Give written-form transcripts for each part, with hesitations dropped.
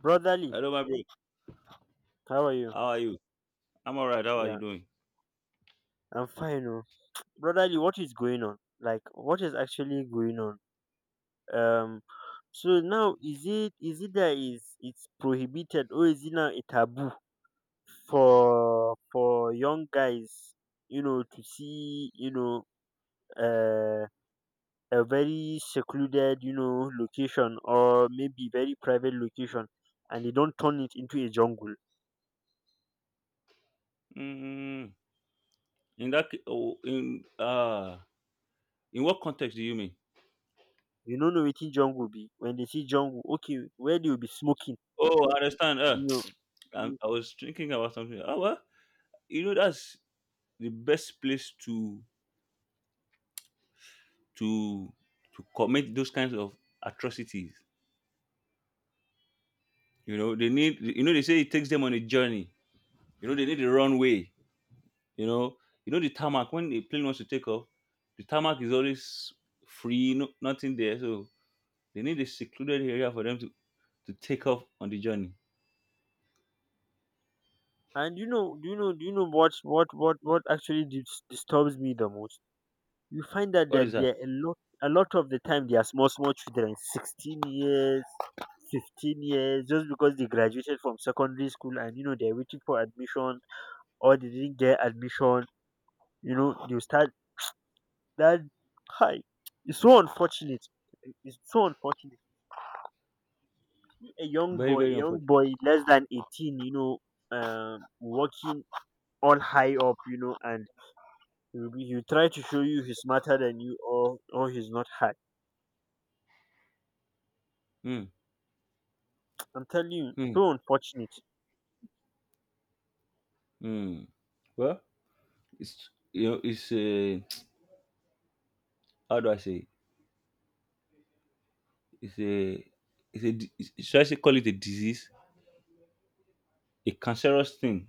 Brotherly, Hello, my bro. how are you? How are you? I'm all right. How are you Yeah, doing? I'm fine. Oh. Brotherly, what is going on? Like, what is actually going on? Um, so now is it that is it's prohibited or is it now a taboo for young guys, to see, uh, a very secluded, location or maybe very private location, and they don't turn it into a jungle. Mm, in that, ca- oh, in what context do you mean? You don't know what jungle be when they see jungle. Okay, where they will be smoking, Oh, I understand. And, I was thinking about something. Oh well, you know that's the best place to to commit those kinds of atrocities. You know they need. You know they say it takes them on a journey. You know they need a runway. You know you know the tarmac when the plane wants to take off, the tarmac is always free. No, nothing there. So they need a secluded area for them to take off on the journey. And you know, do you know, do you know what actually disturbs me the most? You find out What that is that? there are a lot of the time they are small small children, 16 years, 15 years, just because they graduated from secondary school and you know they're waiting for admission or they didn't get admission. You know they start that high. It's so unfortunate. It's so unfortunate. A young Very, boy, very unfortunate. Less than 18, working all high up, and he'll try to show you he's smarter than you, or he's not hard. Mm, I'm telling you, mm, so unfortunate. mm. Well, it's a, how do I say? It's a, should I say, call it a disease? A cancerous thing.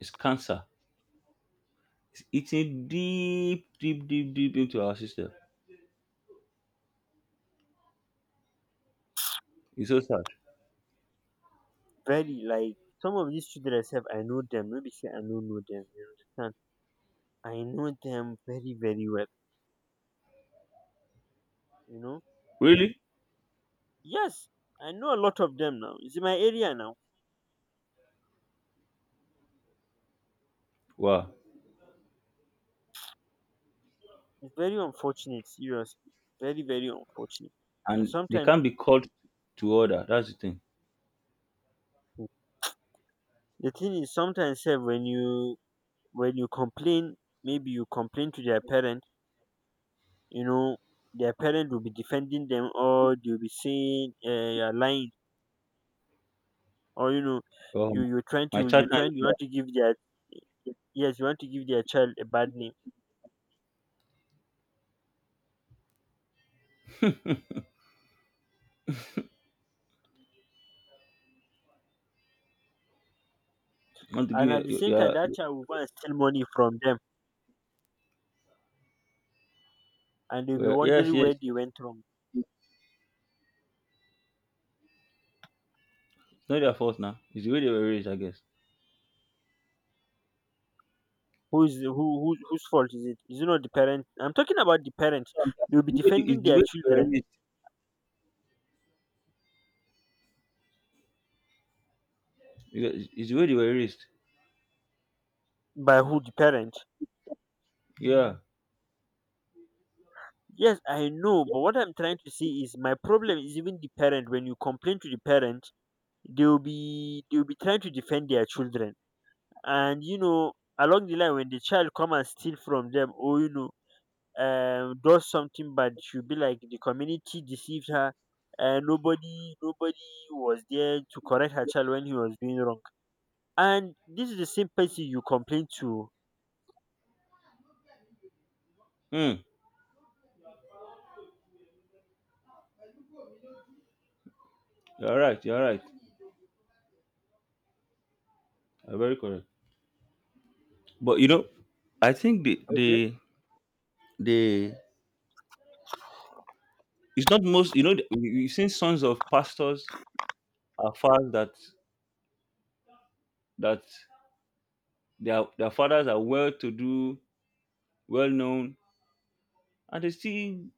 It's cancer. It's eating deep, deep, deep, deep into our system. It's so sad. Very like some of these children myself, I know them. Maybe say I don't know them. You understand? I know them very, very well. You know? Really? Yes, I know a lot of them now. It's in my area now. Wow. It's very unfortunate, seriously. Very, very unfortunate. And And they sometimes can't be called to order. That's the thing. the thing is sometimes sef, when you complain, maybe you complain to their parent, you know, their parents will be defending them, or they'll be saying, you're lying, or you know Oh, my my child you're can't trying, you do want to give their yes you want to give their child a bad name, that. Want to give and you, at the same time that child will go and steal money from them, and they'll be yes, wondering yes. where they went wrong. It's not their fault now. It's the way they were raised, I guess. Who's who, who whose fault is it? Is it not the parent? I'm talking about the parent. What I'm trying to They'll say. be defending It's the way their they were children. raised. Yeah, it's the way they were raised. By who? The parent. Yeah. Yes, I know, but what I'm trying to say is my problem is even the parent, when you complain to the parent, they'll be trying to defend their children, and you know, along the line, when the child come and steal from them, or you know, does something bad, she'll be like the community deceived her and nobody was there to correct her child when he was doing wrong, and this is the same person you complain to. Hmm. You're right. You're right. You're very correct. But you know, I think the Okay, the the it's not most. You know, we've seen sons of pastors are fathers that their fathers are well-to-do, well-known, and they still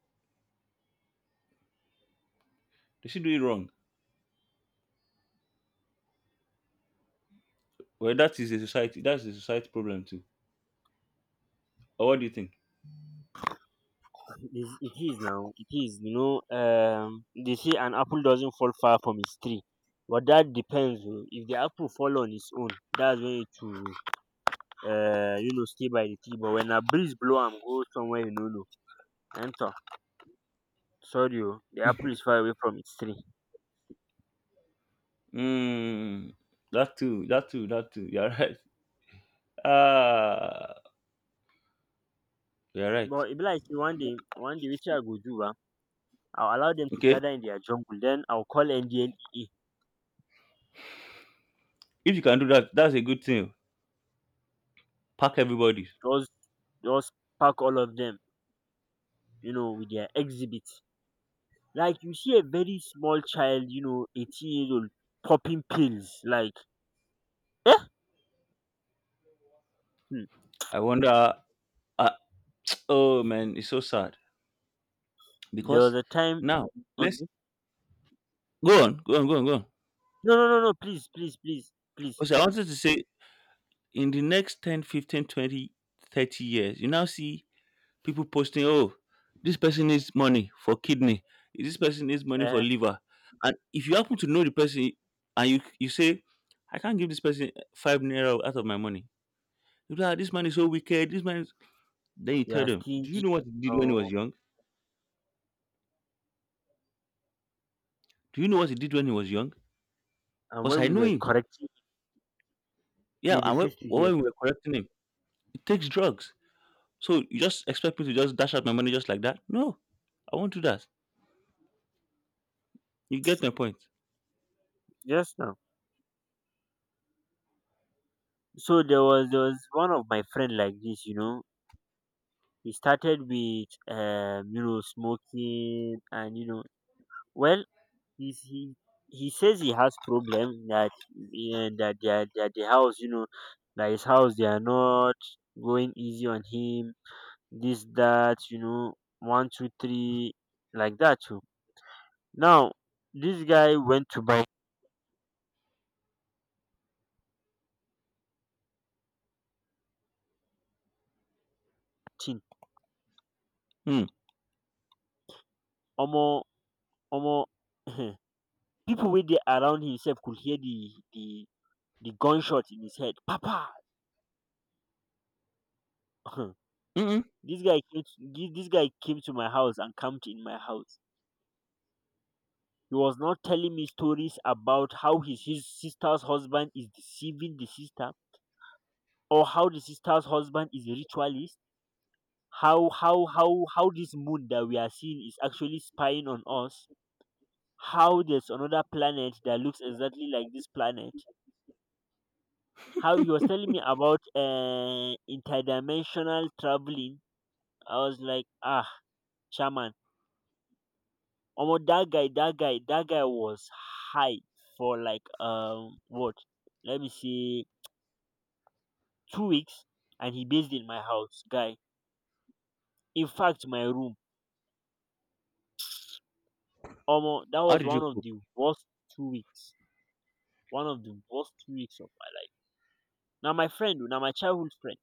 they still do it wrong. Well, that is a society. That's a society problem too. Or what do you think? It is now it is you know they say an apple doesn't fall far from its tree, but that depends. Oh. If the apple fall on its own, that's when it will stay by the tree, but when a breeze blow am go somewhere you no know, den sorry o, the apple is far away from its tree. Hmm. That too. That too. That too. You're right. Ah. You're right. But e be like sey one day wetin I go do ba, I will allow them to Okay. gather in their jungle. Then I will call NDLEA. If you can do that, that's a good thing. Pack everybody. just just pack all of them, you know, with their exhibits. Like you see a very small child, you know, 18 years old popping pills like um I wonder. Uh, oh man, it's so sad there was because a time. now let's Okay, go on, go on, go on, go on. no no no no, please please please please. Also, I wanted to say in the next 10, 15, 20, 30 years, you now see people posting, oh, this person needs money for kidney, this person needs money for um liver. And if you happen to know the person and you say, I can't give this person 5 naira out of my money, you'll be like, "Ah, this man is so wicked, this man is. Then you you tell are them, do you stingy. know what he did when he Oh. was young? Do you know what he did when he was young? And Because when I we know were him. correcting him, Yeah, he and when, refused to hear. when we were correcting him, he takes drugs. So you just expect me to just dash out my money just like that? No, I won't do that. You get my point. Just now. So there was one of my friend like this, you know. He started with smoking, and you know, well, he's he he says he has problem, that, and that the house, you know, that his house they are not going easy on him, this, that, you know, one, two, three, like that too. Now this guy went to buy tin. Hmm. Omo. Omo. People wey dey around himself could hear the gunshot in his head. Papa. Mm-mm. This guy came to my house and camped in my house. He was not telling me stories about how his sister's husband is deceiving the sister, or how the sister's husband is a ritualist, how this moon that we are seeing is actually spying on us, how there's another planet that looks exactly like this planet, how he was telling me about interdimensional travelling. I was like, ah, chairman. Oh, that guy, that guy, that guy was high for like what? Let me see, 2 weeks, and he based in my house, guy. In fact, my room. Omo, that How was did you one of cope? the worst 2 weeks. One of the worst 2 weeks of my life. Now my friend, now my childhood friend.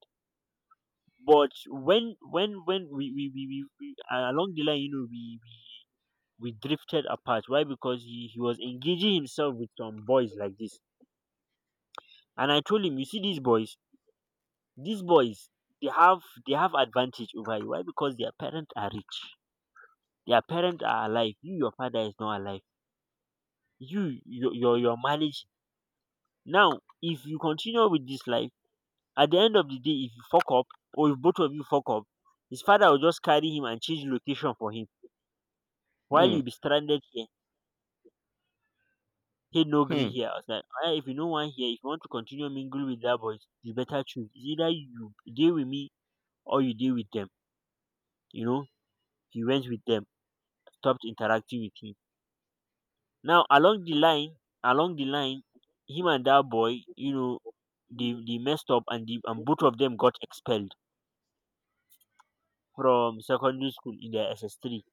But when we along the line, you know, we drifted apart. Why? Because he was engaging himself with some boys like this. And I told him, you see these boys, These boys they have they have advantage over you. Why? Because their parents are rich. Their parents are alive. You, your father is not alive. You, your marriage. Now, if you continue with this life, at the end of the day, if you fuck up, or if both of you fuck up, his father will just carry him and change location for him. While Hmm. you be stranded here, he no gree Hmm. here. I was like, "Ah, if you no want here, if you want to continue mingle with that boys, you better choose. It's either you deal with me or you deal with them." You know, he went with them, stopped interacting with him. Now along the line, along the line, him and that boy, you know, they messed up, and the and both of them got expelled from secondary school in their SS three.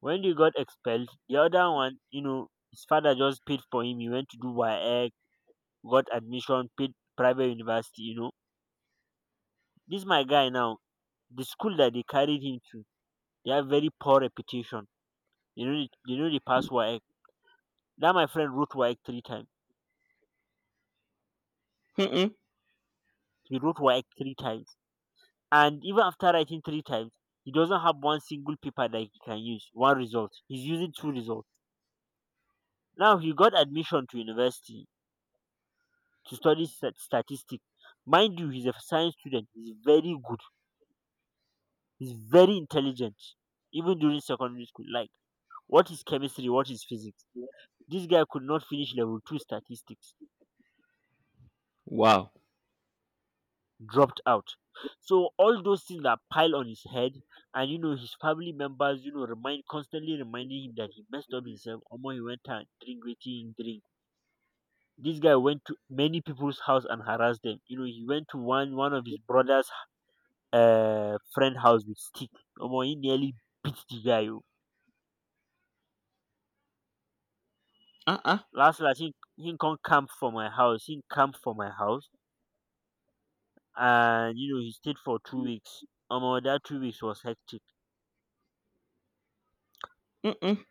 When they got expelled, the other one, you know, his father just paid for him. He went to do WAEC, got admission, paid private university, you know. This my guy now, the school that they carried him to, they have very poor reputation. You know they pass WAEC. That my friend wrote WAEC three times. Mm-mm. He wrote WAEC three times. And even after writing three times, he doesn't have one single paper that he can use, one result. He's using two results. Now he got admission to university to study statistics. Mind you, he's a science student. He's very good. He's very intelligent. Even during secondary school, like, what is chemistry, what is physics? This guy could not finish level two statistics. Wow. Dropped out. So all those things that pile on his head, and you know, his family members, you know, remind constantly reminding him that he messed up himself. Omo, he went and drink wetin he drink. This guy went to many people's house and harassed them. You know, he went to one of his brother's friend house with stick. Omo, he nearly beat the guy. Oh. Uh-uh. Last last, he come camp for my house. He camp for my house, and you know he stayed for 2 weeks. Omo, that 2 weeks was hectic. Mm-mm.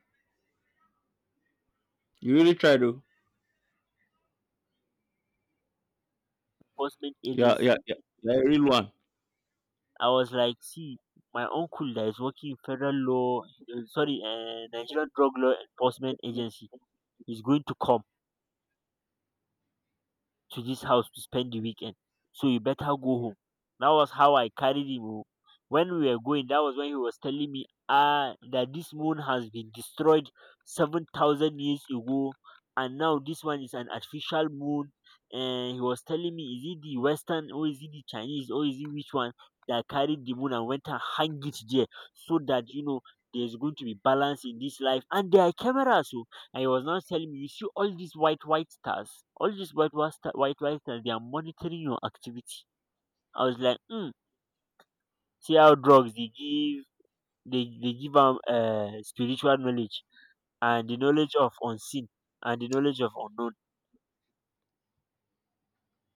You really tried though. Enforcement Yeah, yeah, agency. yeah. Yeah, a real one. I was like, see, my uncle that is working in federal law, sorry, Nigerian Drug Law Enforcement Agency is going to come to this house to spend the weekend. So you better go home. That was how I carried him. O. When we were going, that was when he was telling me, ah, that this moon has been destroyed 7,000 years ago, and now this one is an artificial moon. And he was telling me, is it the Western, or is it the Chinese, or is it which one that carried the moon and went and hang it there, so that you know, there's going to be balance in this life, and there are cameras. So. And he was not telling me, you see all these white, white stars, all these white, white, star, white, white stars, they are monitoring your activity. I was like, hmm, see how drugs, they give them spiritual knowledge, and the knowledge of unseen, and the knowledge of unknown.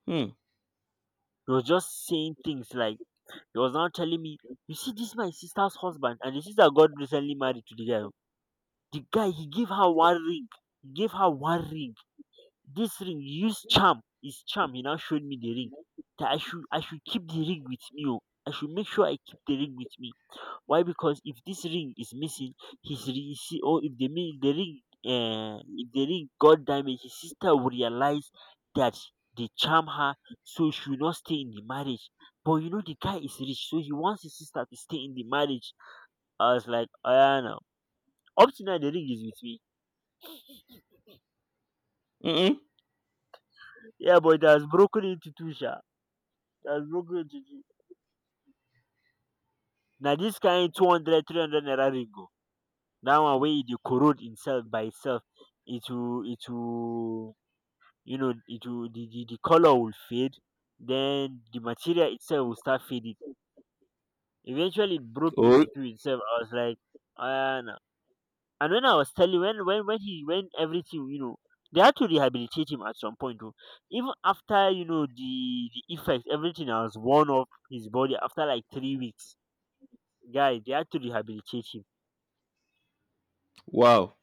Hmm. He was just saying things like, he was now telling me, you see, this my sister's husband, and the sister got recently married to the guy. The guy, he gave her one ring. He gave her one ring. "This ring you use charm is charm." He now showed me the ring. That I should keep the ring with me. Oh. I should make sure I keep the ring with me. Why? Because if this ring is missing, see, or if the the ring, if the ring got damaged, his sister will realize that they charm her, so she will not stay in the marriage. But you know the guy is rich, so he wants his sister to stay in the marriage. I was like, oh yeah, no. Up to now the ring is with me. Mm-mm. Yeah, but it has broken into two, sha. It has broken into two. Na dis kain two hundred three hundred naira ring o, dat one wey e dey corrode imself by itself, it will you know it will the colour will fade. Then the material itself will start fading. Eventually it broke Oh, into two itself. I was like ah no. And when I was telling when everything, you know, they had to rehabilitate him at some point. Oh. Even after you know the effects, everything has worn off his body after like 3 weeks, guy, they had to rehabilitate him. wow.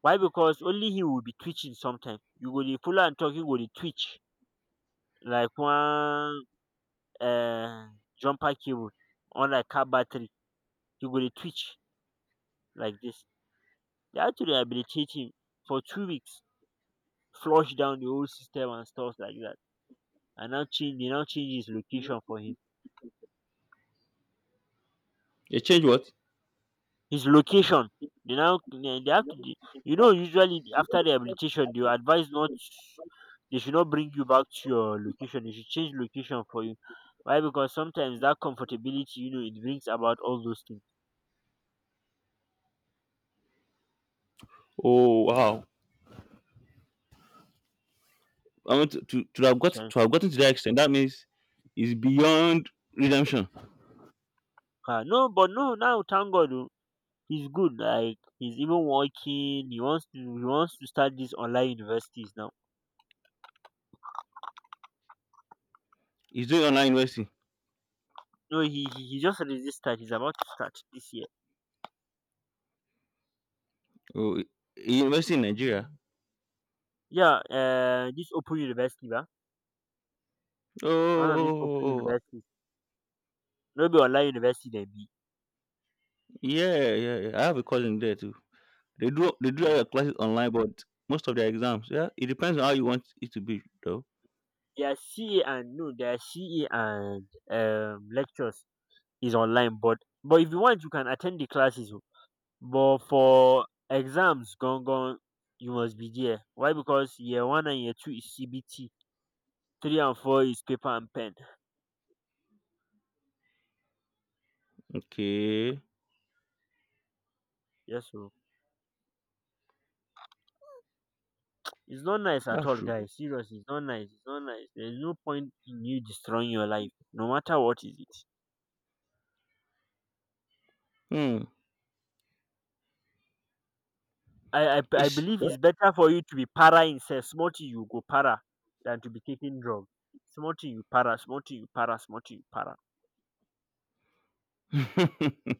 Why? Because only he will be twitching sometimes. You go dey follow am talk, him go dey twitch like one jumper cable or like car battery. He go dey twitch like this. They had to rehabilitate him for 2 weeks, flush down the whole system and stuff like that. And now change, they now change his location for him. You change what? His location. They now they have to de- you know usually after rehabilitation they will advise not they should not bring you back to your location. They should change location for you. Why? Because sometimes that comfortability, you know, it brings about all those things. Oh, wow. I want to have got So, to have gotten to that extent. That means it's beyond redemption. ah, no, but no, now thank God oh, he's good. Like he's even working. He wants to start these online universities now. He's doing online university. No, he just registered. He's about to start this year. Oh, university in Nigeria. Yeah, this open university, ba? One of these open Oh, universities. No be online university dem be. yeah, yeah, yeah. I have a cousin there too. They do um their classes online, but most of their exams. Yeah, it depends on how you want it to be, though. Their CA and no their CA and lectures is online but if you want you can attend the classes o. But for exams gan gan you must be there. Why? Because year one and year two is CBT, three and four is paper and pen. Okay, Yes o. It's not nice at that's all true. guys, seriously it's not nice, it's not nice. There is no point in you destroying your life no matter what is it. Hmm. I It's believe it's better for you to be para instead. Small thing you go para than to be taking drug. Small thing you para, small thing you para, small thing you para. you're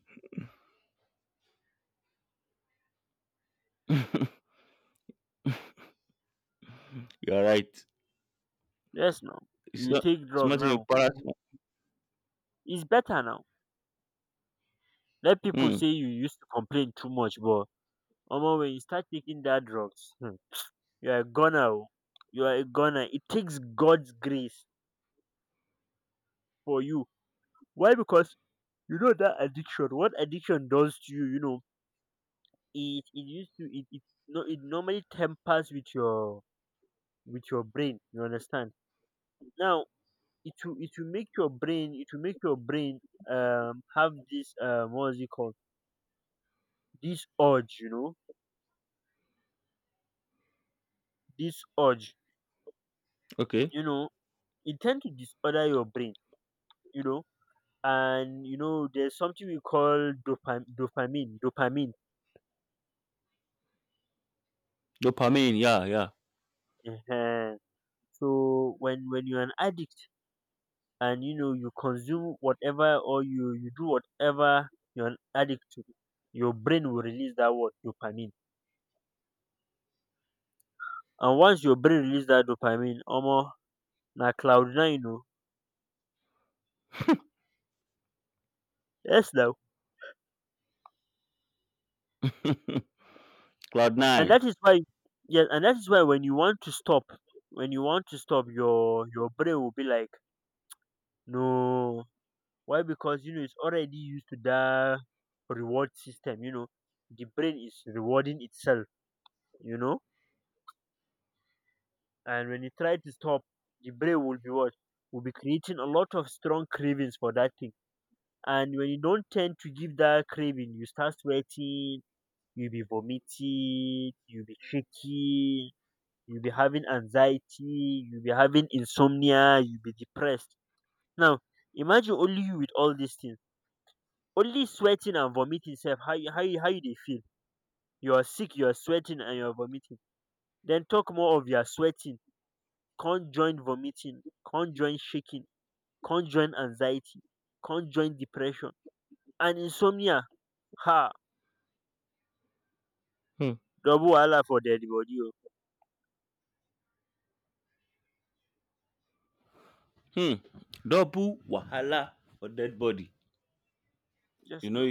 right. Yes, no. It's You not take it's drug not in your now. paradigm. It's better now. Let people Hmm. say you used to complain too much, but omo, when you start taking that drugs, hmm, you are a goner. Oh. You are a goner. It takes God's grace for you. Why? Because you know that addiction. What addiction does to you, you know, it no it normally tempers with your brain, you understand, now it will make your brain, have this what is it called, this urge, you know, this urge, Okay. you know, it tend to disorder your brain, you know. And you know there's something we call dopamine. Dopamine. Yeah, yeah. uh so when you're an addict and you know you consume whatever or you do whatever you're an addict to, your brain will release that word dopamine. And once your brain release that dopamine, omo, na cloud nine oh. Yes now. Cloud And nine. that is why, yes, and that is why when you want to stop, your brain will be like, no. Why? Because you know it's already used to that reward system, you know. The brain is rewarding itself, you know? And when you try to stop, the brain will be what? Will be creating a lot of strong cravings for that thing. And when you don't tend to give that craving, you start sweating, you'll be vomiting, you'll be shaky, you'll be having anxiety, you'll be having insomnia, you'll be depressed. Now, imagine only you with all these things, only sweating and vomiting self. How you how you dey feel? You are sick, you are sweating and you are vomiting. Then talk more of your sweating, can't join vomiting, can't join shaking, can't join anxiety, can't join depression and insomnia. Ha, Hmm. double wahala for dead body. Oh. Hmm. Double wahala for dead body. You Yes know, now.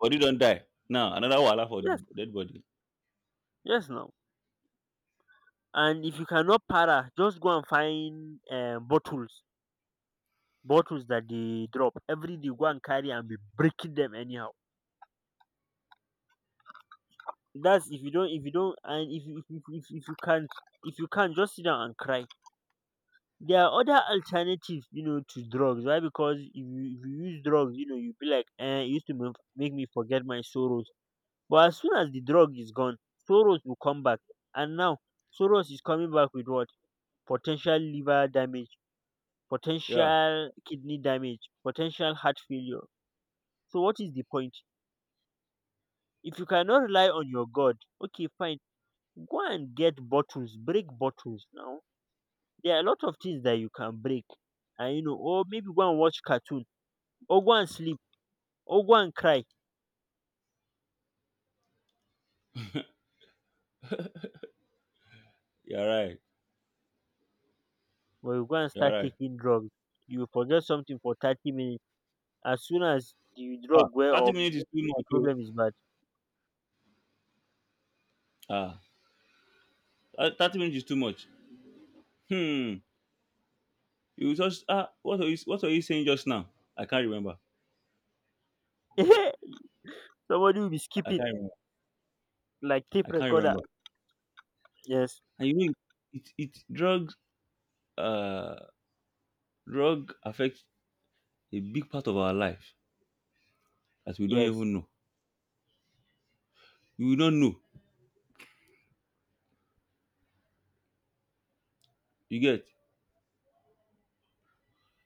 body don't die now, another wahala for the Yes, dead body. yes now. And if you cannot para, just go and find bottles, that they drop every day, go and carry and be breaking them anyhow. That's if you don't, and if if you can't, just sit down and cry. There are other alternatives you know to drugs. Why? Because if you use drugs, you know you be like eh, it used to make me forget my sorrows. But as soon as the drug is gone, sorrows will come back. And now sorrows is coming back with what? Potential liver damage, Yeah, potential kidney damage, potential heart failure. So what is the point? If you cannot rely on your God, okay, fine. Go and get bottles, break bottles. Now there are a lot of things that you can break, and, you know, or maybe go and watch cartoon, or go and sleep, or go and cry. you're right. But you go and You're start right. taking drugs, you forget something for 30 minutes. As soon as the Ah, drug wear thirty off, minutes is too the much, o. problem is bad. Ah, 30 minutes is too much. Hmm. You just, ah, what are you saying just now? I can't remember. Somebody will be I skipping can't remember. like tape I can't recorder. remember. Yes, And you know, it drugs uh drug affects a big part of our life that we don't yes, even know. You will not know. You get.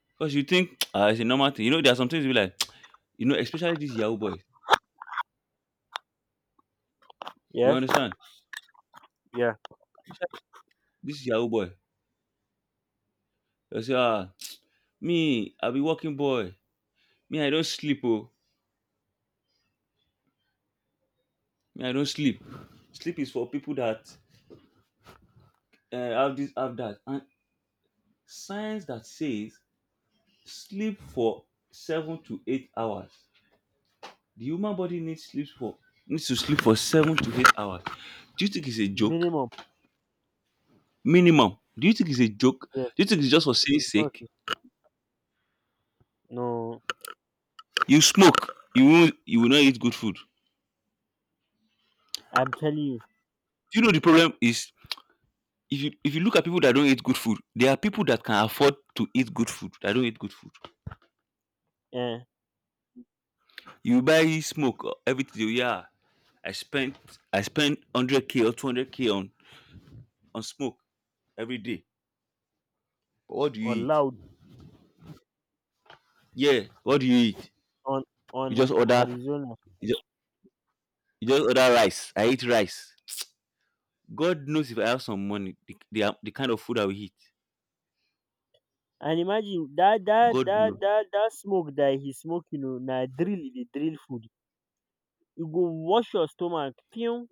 Because you think, ah, it's a normal thing. You know, there are some things you be like. You know, especially this Yahoo boy. You yes, understand? yeah. Especially this Yahoo boy. You say, ah, me, I be working boy. Me, I don't sleep, oh. Me, I don't sleep. Sleep is for people that have this, have that. And science that says sleep for 7 to 8 hours. The human body needs to sleep for 7 to 8 hours. Do you think it's a joke? Minimum. Minimum. Do you think it's a joke? Yes, Do you think it's just for saying it's not. sake? No, You smoke. You will not eat good food. Do I'm telling you, you know the problem is. If you look at people that don't eat good food, there are people that can afford to eat good food that don't eat good food. eh, You buy smoke, everything. Yeah, I spent I spend 100K or 200K on smoke every day. But what do you on eat? loud, Yeah, what do you eat? on You just order Arizona. you just, you just order rice. I eat rice. God knows if I have some money, the kind of food I will eat. And imagine that that God knows. that that that smoke that he smoke, you know, na drill, the drill food. You go wash your stomach, pew,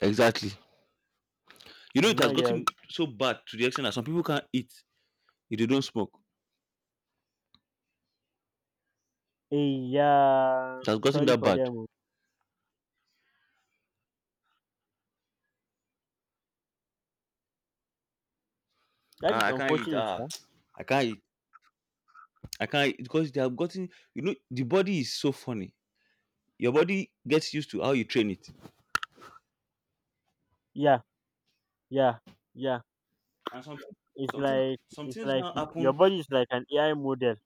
Exactly. You know, it and has now you're gotten so bad to the extent that some people can't eat if they don't smoke. eh, yeah. I'm It has gotten sorry that for bad. them. Oh. That Ah, is I can't eat. unfortunate, Ah, yeah. I can't eat. I can't eat because they have gotten. You know, the body is so funny. Your body gets used to how you train it. Yeah, yeah, yeah. And It's some things, like, some things now y- your happen. body is like an AI model.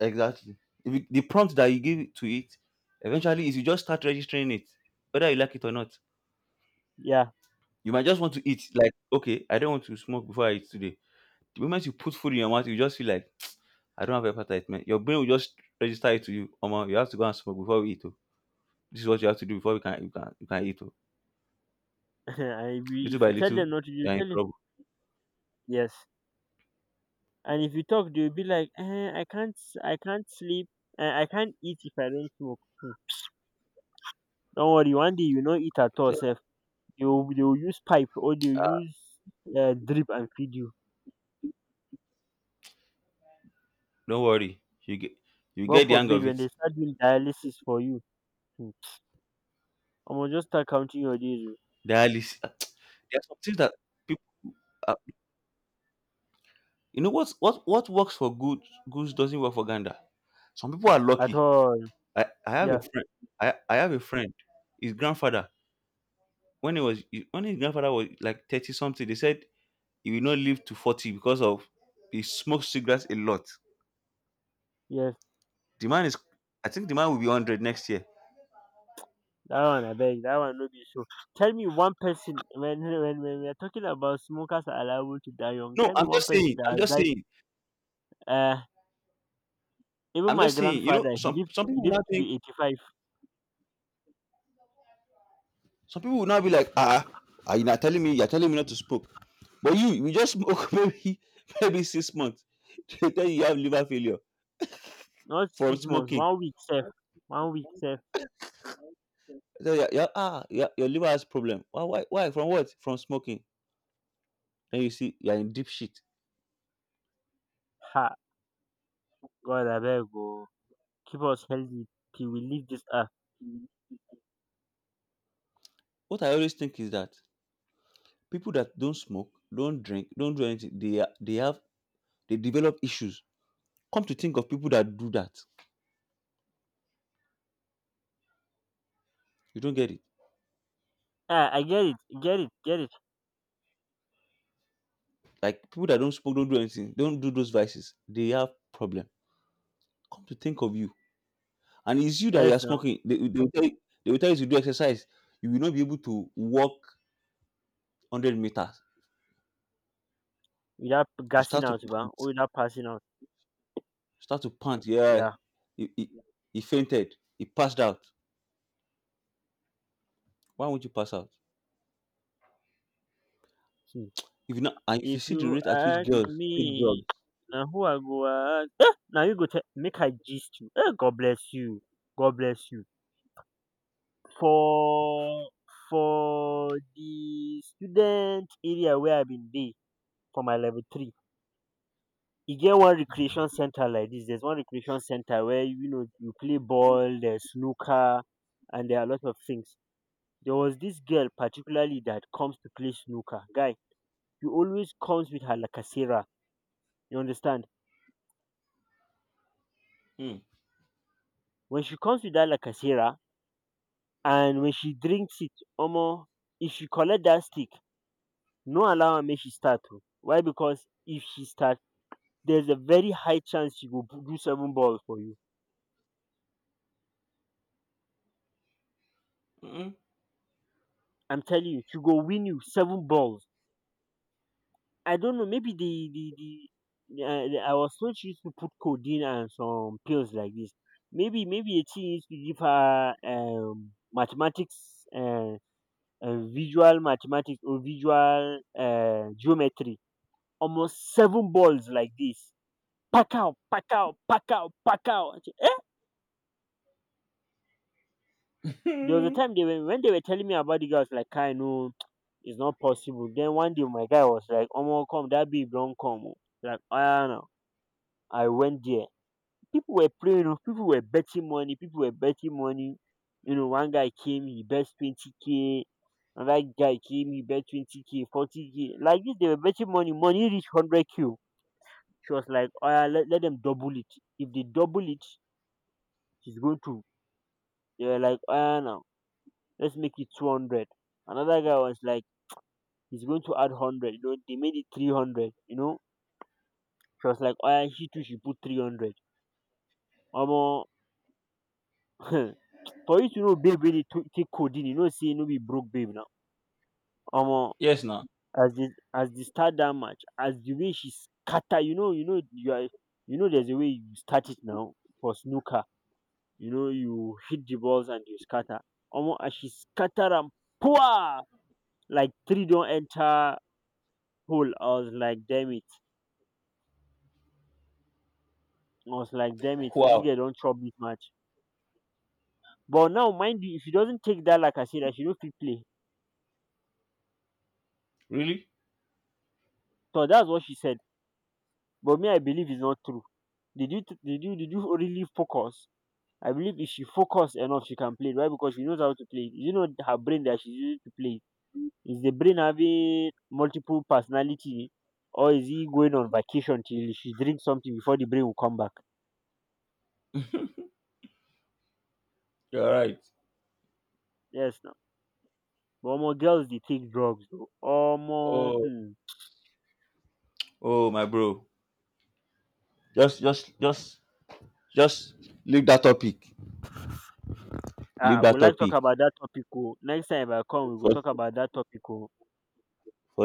Exactly. If you- The prompt that you give to it, eventually, is you just start registering it, whether you like it or not. Yeah. You might just want to eat. Like, okay, I don't want to smoke before I eat today. The moment you put food in your mouth, you just feel like I don't have appetite, man. Your brain will just register it to you. Oma, you have to go and smoke before we eat. Oh. This is what you have to do before we can you can you can eat. Oh." And Little if by you tell little, them not to, you you are in tell them trouble. yes. And if you talk they will be like eh, I can't sleep, eh, I can't eat if I don't smoke. Don't worry, one day you no eat at all So, sef. They will use pipe or they will "Ah, use drip and feed you. don't worry, you get you God get the hang forbid of when it." they start doing dialysis for you, hmm, omo just start counting your days o. Dialysis. There are some things that people, are, you know, what works for good goose doesn't work for gander. Some people are At lucky. all, I have a yeah, friend. I have a friend. His grandfather, when he was when his grandfather was like 30 something, they said he will not live to 40 because of he smokes cigarettes a lot. yes. The man is, I think the man will be 100 next year. That one I beg, that one no be so. Tell me one person when when we are talking about smokers are allowed to die young, No, tell me I'm one just person saying. that I'm has just died. saying. uh, Even I'm my just saying. You know, grandfather, he some lived, some people now to think. be 85. Some people will now be like, ah, are you not telling me? You're telling me not to smoke. But you just smoke maybe 6 months. They tell you have liver failure Not from 6 months, smoking. 1 week sef. 1 week sef. They tell you, "Yeah, yeah, ah, yeah, your liver has problem. Why, why? From what? From smoking. Then you see, you're in deep shit. Ha! God abeg o, keep us healthy till we leave this earth. What I always think is that people that don't smoke, don't drink, don't do anything, they are- they have they develop issues. Come to think of people that do that, you don't get it. Ah, I get it, Like people that don't smoke, don't do anything, don't do those vices, they have problem. Come to think of you, and it's you that you are Yes now. smoking. They will tell you, to do exercise. You will not be able to walk 100 meters. Without You gassing start to out ba pant. or without You passing out. start to pant. Yeah. Yeah. He, he, he fainted. He passed out. Why won't you pass out? Hmm. If you not, and if you If see the you rate at which ask girls take me, drugs. na who I go ask? Eh! Na you go tell, make I gist you. Eh! God bless you, God bless you. For the student area where I been dey, for my level three, e get one recreation center like this. There's one recreation center where you know you play ball, there's snooker, and there are a lot of things. There was this girl particularly that comes to play snooker. Guy, she always comes with her lacasera. You understand? Hmm. When she comes with that lacasera and when she drinks it, omo, if she collect that stick, no allow her make she start o. Why? Because if she start, there's a very high chance she go do seven balls for you. Mm-mm. I'm telling you, she go win you seven balls. I don't know, maybe the I I was told she used to put codeine and some pills like this. Maybe a teen used to give her mathematics, visual mathematics or visual geometry. Almost seven balls like this. Pack out, pack out, pack out, pack out. I said, eh? There was a Hmm. time they were when they were telling me about the girl, I was like, I know it's not possible. Then one day my guy was like, "Omo, come, that be, don't come. Oh." Like, I know. I went there, people were playing oh, people were betting money, You know, one guy came, he bet 20k, another guy came, he bet 20k, 40k. Like this, they were betting money. Money reached 100k. She was like, oh, yeah, let them double it. If they double it, he's going to. They were like, oh, yeah, now, let's make it 200. Another guy was like, he's going to add 100. You know, they made it 300. You know, she was like, oh, yeah, she too, she put 300. Almost. For you to know babe wey dey to- take codeine, you know sey no be broke babe na. Omo, Yes, now. as the start that match, as the way she scatter, you know, you are, you know, there's a way you start it now for snooker, you know you hit the balls and you scatter. Omo as she scatter am, poor, like three don enter hole. I was like damn it. I was like damn, dermit, dis Wow. girl don chop dis match. But now mind you, if she doesn't take that, like dat lacasade, she no fit play. Really? So that's what she said. But me, I believe it's not true. Did you really focus? I believe if she focus enough she can play it. Why? Because she knows how to play it. It know her brain that she's using to play. It is the brain having multiple personality, or is he going on vacation till she drink something before the brain will come back? You're right. Yes now. But omo, girls they take drugs o, omo, Oh, hmm. oh, my bro. Just, just, just, just leave that topic. Ah, Leave I that would like to talk topic about that topic oh, next time if I come we will for, talk about that topic oh.